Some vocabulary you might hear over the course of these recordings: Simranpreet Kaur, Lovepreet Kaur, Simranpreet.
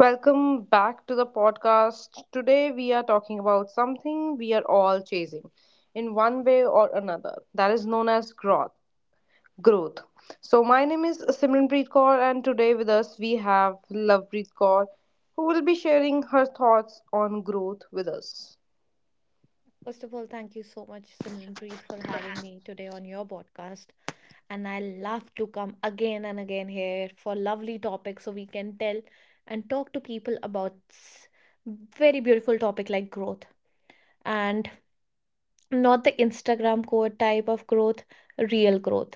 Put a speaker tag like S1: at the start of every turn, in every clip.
S1: Welcome back to the podcast. Today we are talking about something we are all chasing in one way or another that is known as growth. Growth. So my name is Simranpreet Kaur and today with us we have Lovepreet Kaur who will be sharing her thoughts on growth with us.
S2: First of all, thank you so much, Simranpreet, for having me today on your podcast. And I love to come again and again here for lovely topics so we can tell and talk to people about very beautiful topic like growth and not the Instagram code type of growth, real growth.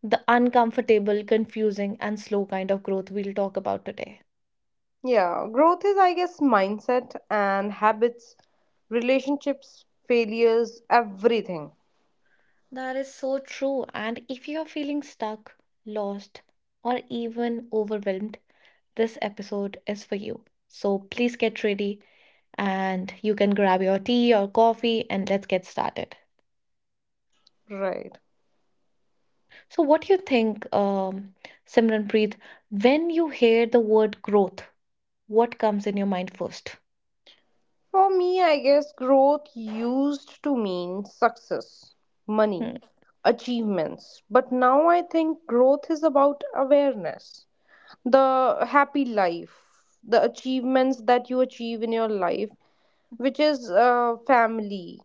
S2: The uncomfortable, confusing, and slow kind of growth we'll talk about today.
S1: Yeah, growth is I guess mindset and habits, relationships, failures, everything.
S2: That is so true. And if you are feeling stuck, lost, or even overwhelmed, this episode is for you. So please get ready and you can grab your tea or coffee and let's get started.
S1: Right.
S2: So, what do you think, Simranpreet, when you hear the word growth, what comes in your mind first?
S1: For me, I guess growth used to mean success, money,
S2: Hmm.
S1: achievements. But now I think growth is about awareness, the happy life, the achievements that you achieve in your life, which is family.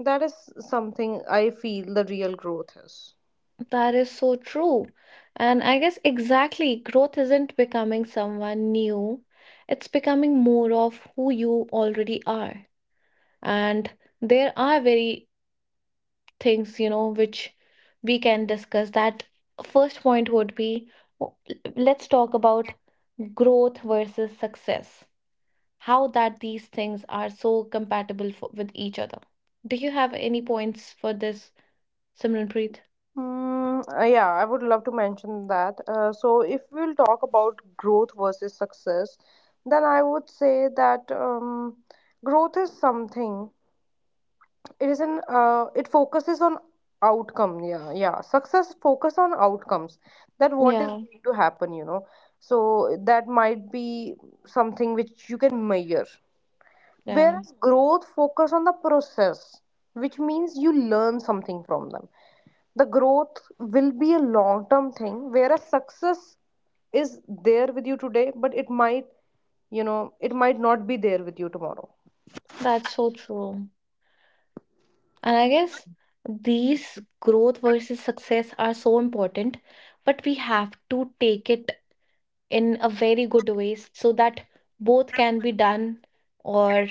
S1: That is something I feel the real growth is.
S2: That is so true. And I guess exactly, growth isn't becoming someone new, it's becoming more of who you already are. And there are very things you know which we can discuss that first point would be w- let's talk about growth versus success. How that these things are so compatible for, with each other? Do you have any points for this, Simranpreet?
S1: Yeah, I would love to mention that. So, if we'll talk about growth versus success, then I would say that growth is something. It is an it focuses on outcome. Yeah, yeah. Success focus on outcomes. That what is
S2: Yeah,
S1: going to happen. You know, so that might be something which you can measure.
S2: yeah,
S1: Whereas growth focus on the process, which means you learn something from them, the growth will be a long term thing, whereas success is there with you today, but it might, you know, it might not be there with you tomorrow.
S2: that's so true. And I guess these growth versus success are so important, but we have to take it in a very good way so that both can be done, or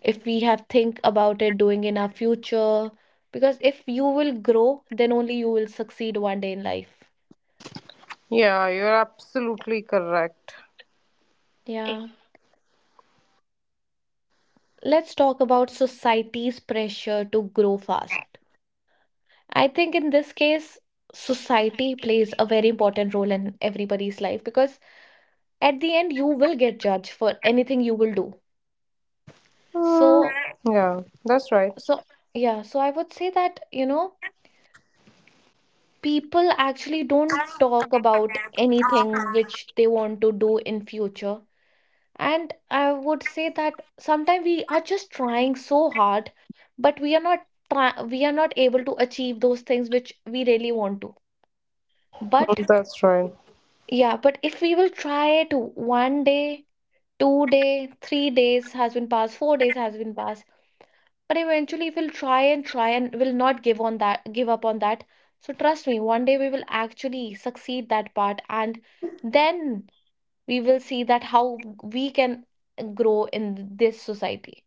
S2: if we have think about it doing in our future, because if you will grow then only you will succeed one day in life.
S1: Yeah, you're absolutely correct.
S2: Yeah. Let's talk about society's pressure to grow fast. I think in this case society plays a very important role in everybody's life because at the end you will get judged for anything you will do
S1: Mm,
S2: so
S1: yeah, that's right.
S2: so yeah. So I would say that you know people actually don't talk about anything which they want to do in future. And I would say that sometimes we are just trying so hard, but we are not we are not able to achieve those things which we really want to. But
S1: That's right.
S2: yeah, but if we will try it 1 day, 2 day, 3 days has been passed, 4 days has been passed, but eventually we'll try and try and will not give up on that. So trust me, one day we will actually succeed that part, and then we will see that how we can grow in this society.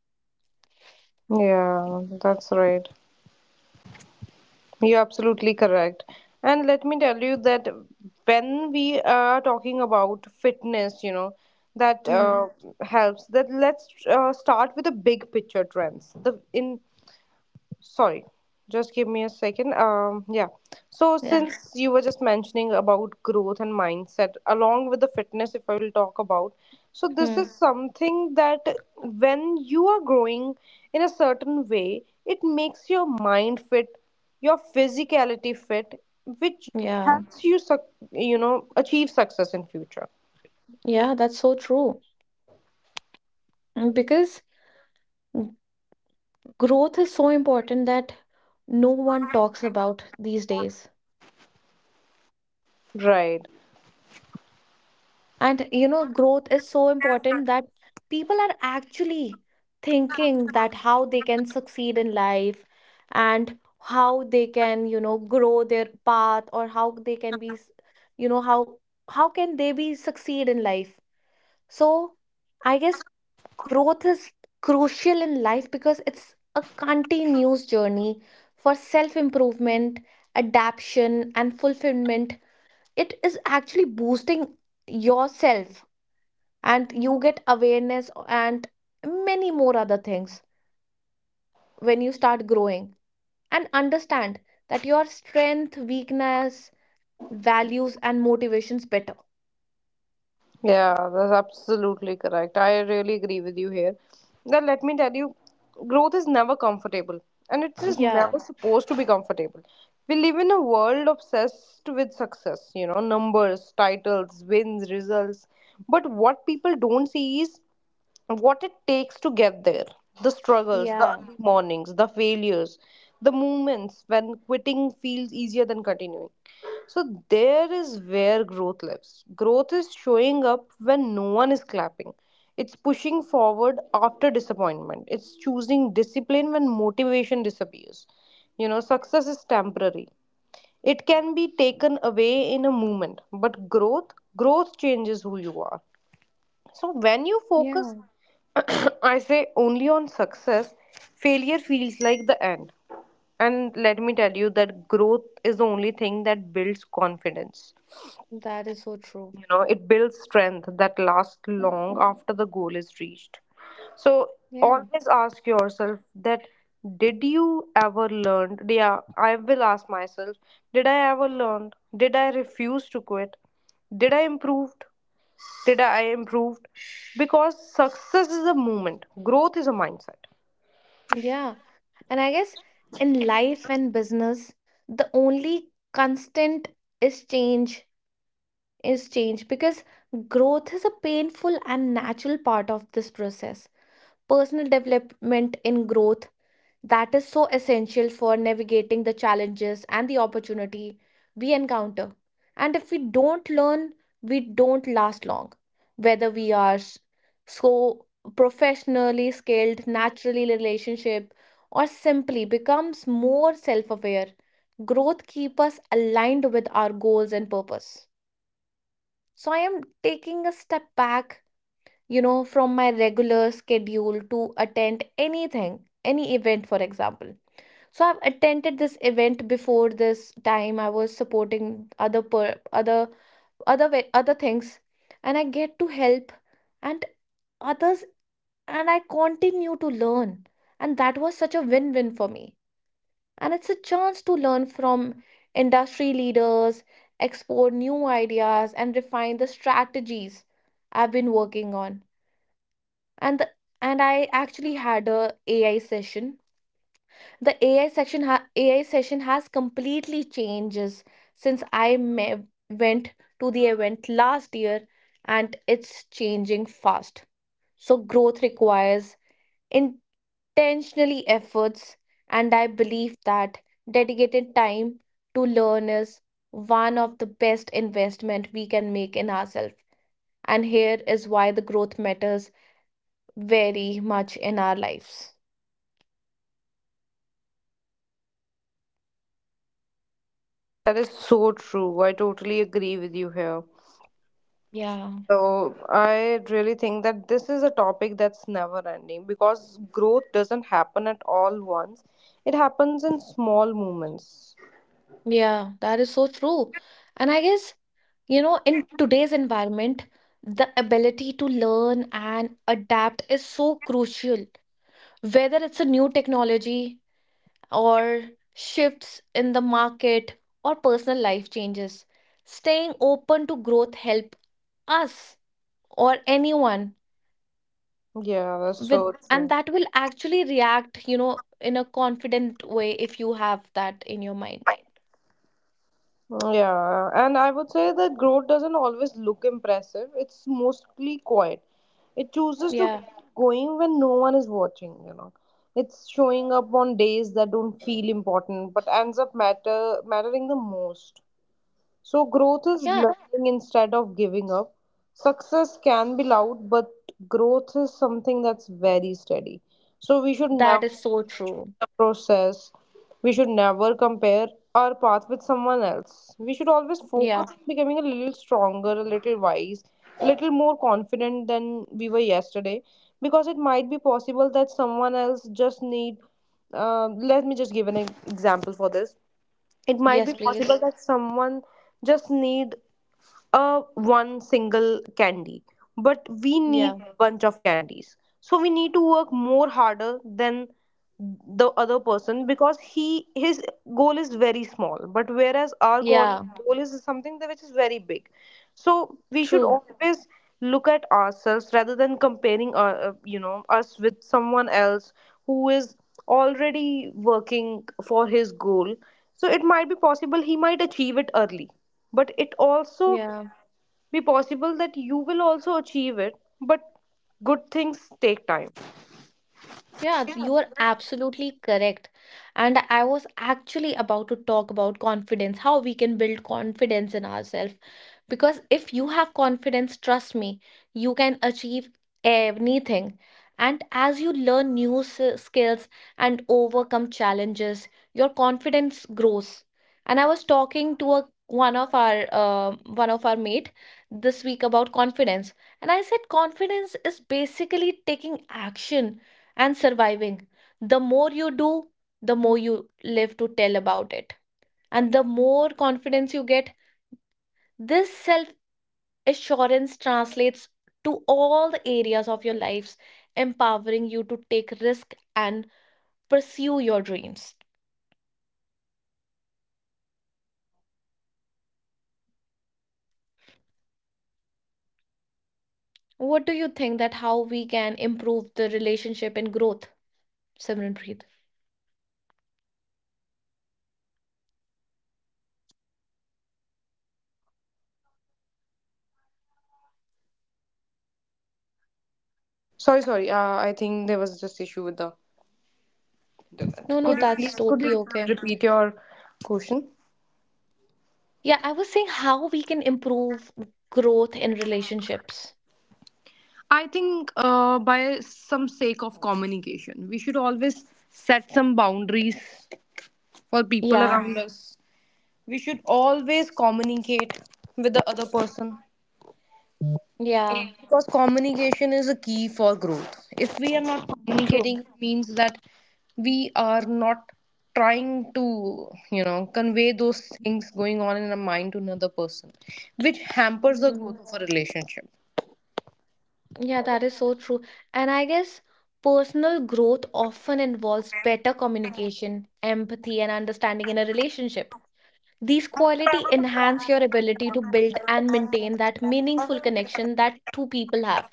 S1: Yeah, that's right. You're absolutely correct. And let me tell you that when we are talking about fitness, you know, that
S2: Hmm.
S1: helps that let's start with the big picture trends the in, sorry, just give me a second. Yeah, so
S2: Yeah.
S1: since you were just mentioning about growth and mindset along with the fitness, if I will talk about, so this is
S2: Hmm.
S1: something that when you are growing in a certain way it makes your mind fit, your physicality fit, which
S2: Yeah.
S1: helps you you know, achieve success in future.
S2: Yeah, that's so true. Because mm, growth is so important that no one talks about these days.
S1: Right.
S2: And you know, growth is so important that people are actually thinking that how they can succeed in life, and how they can grow their path, or how they can be, you know, how how can they be succeed in life. So I guess growth is crucial in life because it's a continuous journey for self-improvement, adaptation, and fulfillment. It is actually boosting yourself, and you get awareness and many more other things when you start growing and understand that your strength, weakness, values and motivations better.
S1: Yeah, that's absolutely correct. I really agree with you here. Then let me tell you, growth is never comfortable, and it is
S2: Yeah,
S1: never supposed to be comfortable. We live in a world obsessed with success, you know, numbers, titles, wins, results. But what people don't see is what it takes to get there, the struggles, the
S2: yeah,
S1: early mornings, the failures, the moments when quitting feels easier than continuing. So, there is where growth lives. Growth is showing up when no one is clapping. It's pushing forward after disappointment. It's choosing discipline when motivation disappears. You know, success is temporary. It can be taken away in a moment, but growth, growth changes who you are. So when you focus,
S2: yeah.
S1: I say only on success, failure feels like the end. And let me tell you that growth is the only thing that builds confidence.
S2: That is so true.
S1: You know, it builds strength that lasts long after the goal is reached. So
S2: Yeah,
S1: always ask yourself that, did you ever learn? Yeah, I will ask myself, did I ever learn? Did I refuse to quit? Did I improve? Did I improved? Because success is a movement, growth is a mindset.
S2: yeah. And I guess in life and business the only constant is change, because growth is a painful and natural part of this process. Personal development in growth, that is so essential for navigating the challenges and the opportunity we encounter. And if we don't learn, we don't last long. Whether we are so professionally skilled, naturally relationship, or simply becomes more self-aware, growth keep us aligned with our goals and purpose. So I am taking a step back from my regular schedule to attend anything, any event, for example. So I've attended this event before. This time I was supporting other way, other things, and I get to help and others, and I continue to learn. And that was such a win-win for me. And it's a chance to learn from industry leaders, explore new ideas, and refine the strategies I've been working on. And the, and I actually had a AI session. The AI session has completely changes since I went to the event last year, and it's changing fast. So growth requires intentionally efforts, and I believe that dedicated time to learn is one of the best investment we can make in ourselves. And here is why the growth matters very much in our lives.
S1: That is so true. I totally agree with you here.
S2: Yeah,
S1: So I really think that this is a topic that's never ending because growth doesn't happen at all once. It happens in small moments.
S2: yeah, that is so true. And I guess in today's environment, the ability to learn and adapt is so crucial. Whether it's a new technology or shifts in the market or personal life changes, staying open to growth help us or anyone
S1: Yeah, that's
S2: with,
S1: so
S2: and
S1: true.
S2: that will actually react in a confident way if you have that in your mind.
S1: Yeah, and I would say that growth doesn't always look impressive. It's mostly quiet. It chooses to
S2: Yeah.
S1: keep going when no one is watching, you know. It's showing up on days that don't feel important but ends up mattering the most. So growth is
S2: Yeah,
S1: learning instead of giving up. Success can be loud, but growth is something that's very steady. So we should never
S2: that is so true.
S1: the process. We should never compare our path with someone else. We should always focus
S2: Yeah.
S1: on becoming a little stronger, a little wise, a little more confident than we were yesterday. Because it might be possible that someone else just need. Let me just give an example for this. It might be
S2: Yes,
S1: possible
S2: please.
S1: that someone just need one single candy, but we need
S2: Yeah.
S1: bunch of candies, so we need to work more harder than the other person because he his goal is very small, but whereas our
S2: Yeah,
S1: goal is something that which is very big, so we should
S2: true.
S1: always look at ourselves rather than comparing, you know, us with someone else who is already working for his goal. So it might be possible he might achieve it early, but it also
S2: Yeah,
S1: be possible that you will also achieve it, but good things take time.
S2: yeah, you are absolutely correct. And I was actually about to talk about confidence, how we can build confidence in ourselves. Because if you have confidence, trust me, you can achieve anything. And as you learn new skills and overcome challenges, your confidence grows. And I was talking to a one of our mate this week about confidence, and I said confidence is basically taking action and surviving. The more you do, the more you live to tell about it. And the more confidence you get, this self assurance translates to all the areas of your lives, empowering you to take risk and pursue your dreams. What do you think that how we can improve the relationship and growth, Simranpreet?
S1: Sorry, sorry, I think there was just issue with the,
S2: No, no, that's
S1: could you
S2: totally okay.
S1: repeat your question?
S2: Yeah, I was saying how we can improve growth in relationships.
S1: I think by some sake of communication we should always set some boundaries for people
S2: Yeah,
S1: around us. We should always communicate with the other person,
S2: yeah,
S1: because communication is a key for growth. If we are not
S2: true.
S1: communicating, it means that we are not trying to, you know, convey those things going on in our mind to another person, which hampers the growth
S2: Mm,
S1: of a relationship.
S2: yeah, that is so true. And I guess personal growth often involves better communication, empathy, and understanding in a relationship. These qualities enhance your ability to build and maintain that meaningful connection that two people have.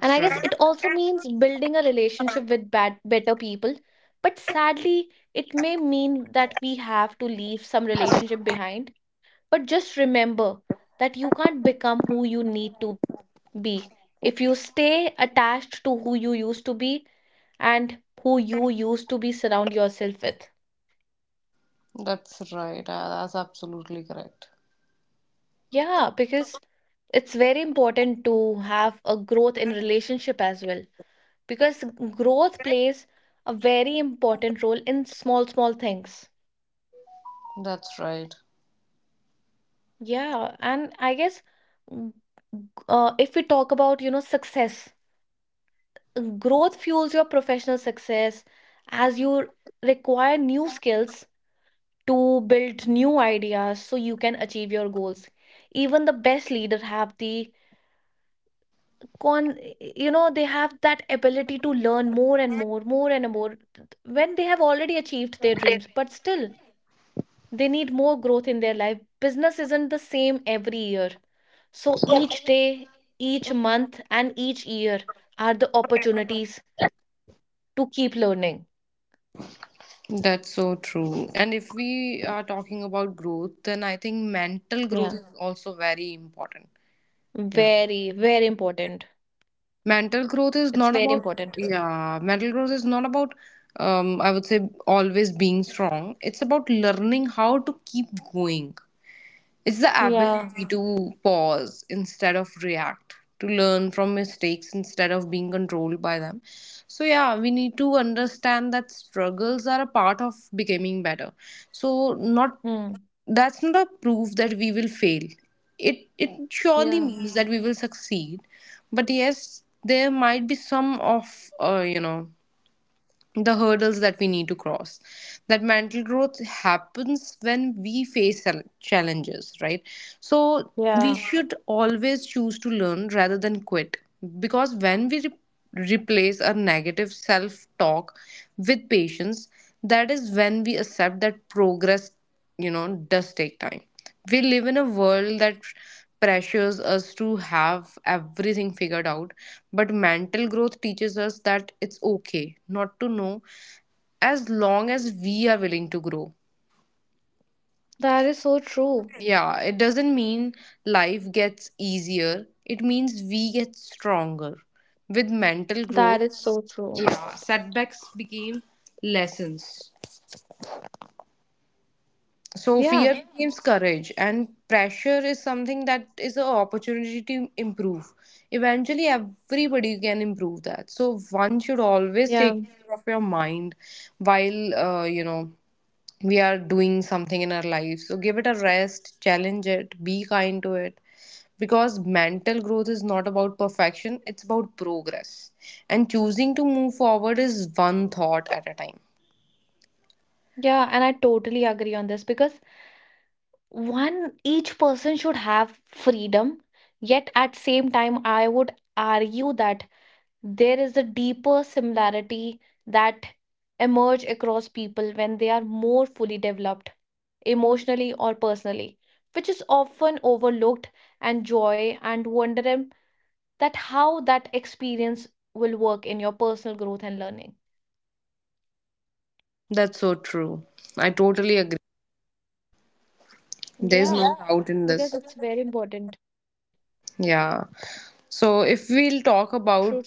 S2: And I guess
S1: right.
S2: it also means building a relationship with better people. But sadly, it may mean that we have to leave some relationship behind. But just remember that you can't become who you need to B. If you stay attached to who you used to be and who you used to be surround yourself with.
S1: That's right. That's absolutely correct.
S2: Yeah, because it's very important to have a growth in relationship as well, because growth plays a very important role in small small things.
S1: That's right.
S2: Yeah, and I guess mm, if we talk about success, growth fuels your professional success as you require new skills to build new ideas so you can achieve your goals. Even the best leader have the con you know they have that ability to learn more and more, when they have already achieved their dreams, but still they need more growth in their life. Business isn't the same every year. So each day, each month and each year are the opportunities to keep learning.
S1: That's so true. And if we are talking about growth, then I think mental growth
S2: Yeah,
S1: is also very important. You know,
S2: very very important.
S1: mental growth is not
S2: It's very
S1: about
S2: important.
S1: yeah, mental growth is not about, I would say, always being strong. It's about learning how to keep going. It's the
S2: Yeah.
S1: ability to pause instead of react, to learn from mistakes instead of being controlled by them. So, yeah, we need to understand that struggles are a part of becoming better. So, not,
S2: Hmm.
S1: that's not a proof that we will fail. It surely
S2: Yeah.
S1: means that we will succeed. But yes, there might be some of, you know, the hurdles that we need to cross, that mental growth happens when we face challenges, right? So we, yeah,
S2: Yeah,
S1: should always choose to learn rather than quit, because when we replace our negative self talk with patience, that is when we accept that progress, you know, does take time. We live in a world that pressures us to have everything figured out, but mental growth teaches us that it's okay not to know, as long as we are willing to grow.
S2: that is so true.
S1: Yeah, it doesn't mean life gets easier, it means we get stronger. With mental
S2: That is
S1: growth,
S2: so true.
S1: yeah, setbacks became lessons. So
S2: Yeah,
S1: fear, yeah, becomes courage, and pressure is something that is an opportunity to improve. Eventually, everybody can improve that. So one should always
S2: yeah,
S1: take care of your mind while, you know, we are doing something in our lives. So give it a rest, challenge it, be kind to it, because mental growth is not about perfection; it's about progress. And choosing to move forward is one thought at a time.
S2: yeah. And I totally agree on this because one, each person should have freedom. Yet at same time, I would argue that there is a deeper similarity that emerge across people when they are more fully developed, emotionally or personally, which is often overlooked, and joy and wonder that how that experience will work in your personal growth and learning.
S1: That's so true. I totally agree. There's no,
S2: Yeah,
S1: yeah, doubt in this.
S2: because it's very important. True,
S1: Yeah.
S2: true, true.
S1: So if we'll talk about,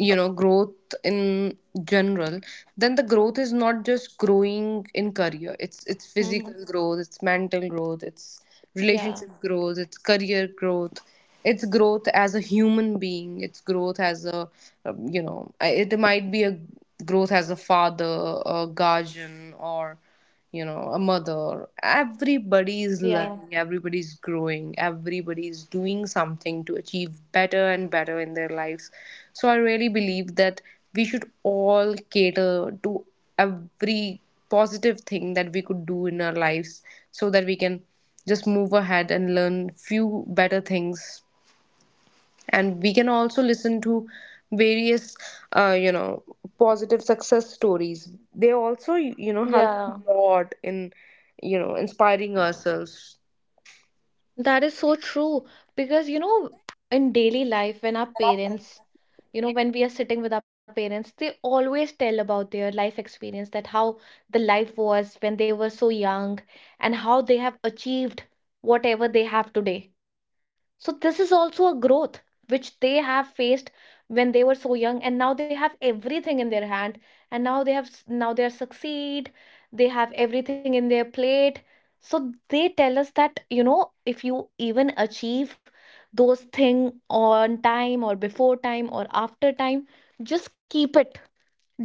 S1: you know, growth in general, then the growth is not just
S2: Mm-hmm.
S1: growing in career. It's physical growth, it's
S2: Yeah,
S1: mental growth, it's relationship, yeah, growth, it's career growth. It's growth as a human being. It's growth as a, you know, it might be a growth as a father, a guardian, or, you know, a mother. Everybody is
S2: yeah,
S1: learning, everybody is growing, everybody is doing something to achieve better and better in their lives. So I really believe that we should all cater to every positive thing that we could do in our lives, so that we can just move ahead and learn few better things, and we can also listen to various, you know, positive success stories. They also, you know, help
S2: yeah.
S1: a lot in, you know, inspiring ourselves.
S2: That is so true. Because in daily life, when we are sitting with our parents, they always tell about their life experience, that how the life was when they were so young and how they have achieved whatever they have today. So this is also a growth which they have faced when they were so young, and now they have everything in their hand, and now they are succeed, they have everything in their plate. So they tell us that if you even achieve those thing on time or before time or after time, just keep it,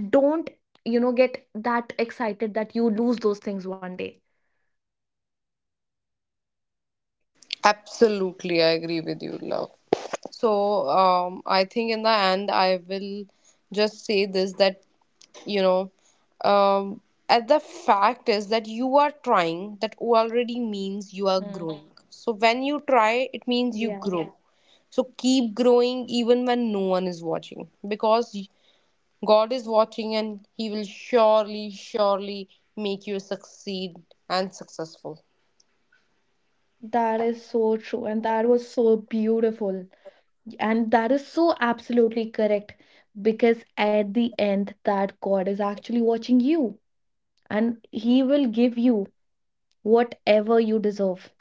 S2: don't get that excited that you lose those things one day.
S1: Absolutely, I agree with you, love. So, I think in the end, I will just say this that, you know, um, at the fact is that you are trying, that already means you are
S2: Mm,
S1: growing. So, when you try, it means you
S2: yeah.
S1: grow. Yeah. So, keep growing even when no one is watching, because God is watching and He will surely, surely make you succeed and successful.
S2: That is so true, and that was so beautiful. And that is so absolutely correct, because at the end, that God is actually watching you and He will give you whatever you deserve.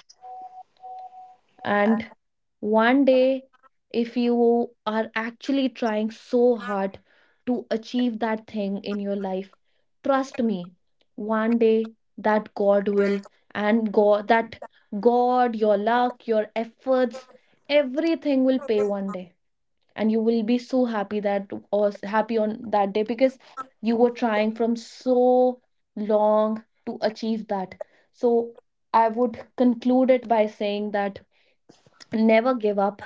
S2: And one day, if you are actually trying so hard to achieve that thing in your life, trust me, one day that God will and God, that God, your luck, your efforts, everything will pay one day, and you will be so happy that happy on that day because you were trying from so long to achieve that. So I would conclude it by saying that never give up,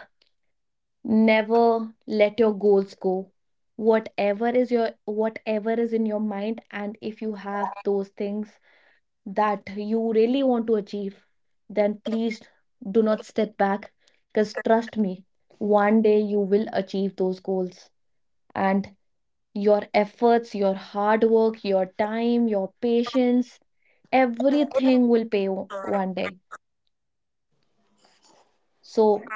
S2: never let your goals go. Whatever is your whatever is in your mind, and if you have those things that you really want to achieve, then please do not step back, because trust me, one day you will achieve those goals, and your efforts, your hard work, your time, your patience, everything will pay one day. So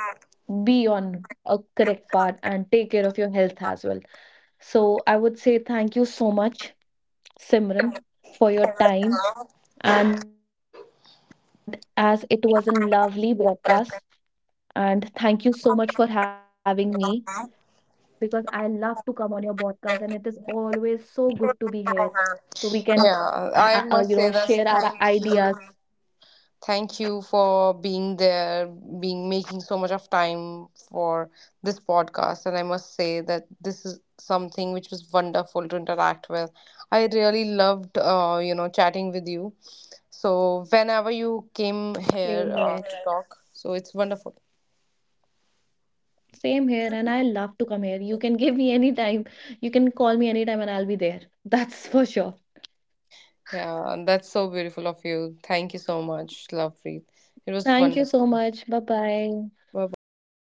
S2: be on a correct path and take care of your health as well. So I would say thank you so much, Simran, for your time. And as it was a lovely broadcast, and thank you so much for having me because I love to come on your podcast, and it is always so good to be here. So we can
S1: Yeah,
S2: share
S1: I
S2: our
S1: must say that
S2: ideas.
S1: thank you. Thank you for being there, being making so much of time for this podcast. And I must say that this is something which was wonderful to interact with. I really loved, you know, chatting with you. So whenever you came here
S2: Same here.
S1: to talk, so it's wonderful.
S2: Same here. And I love to come here. You can give me any time. You can call me anytime and I'll be there. That's for sure.
S1: Yeah, and that's so beautiful of you. Thank you so much, Lovepreet. It was
S2: Thank you
S1: wonderful.
S2: so much. Bye bye.
S1: Bye bye.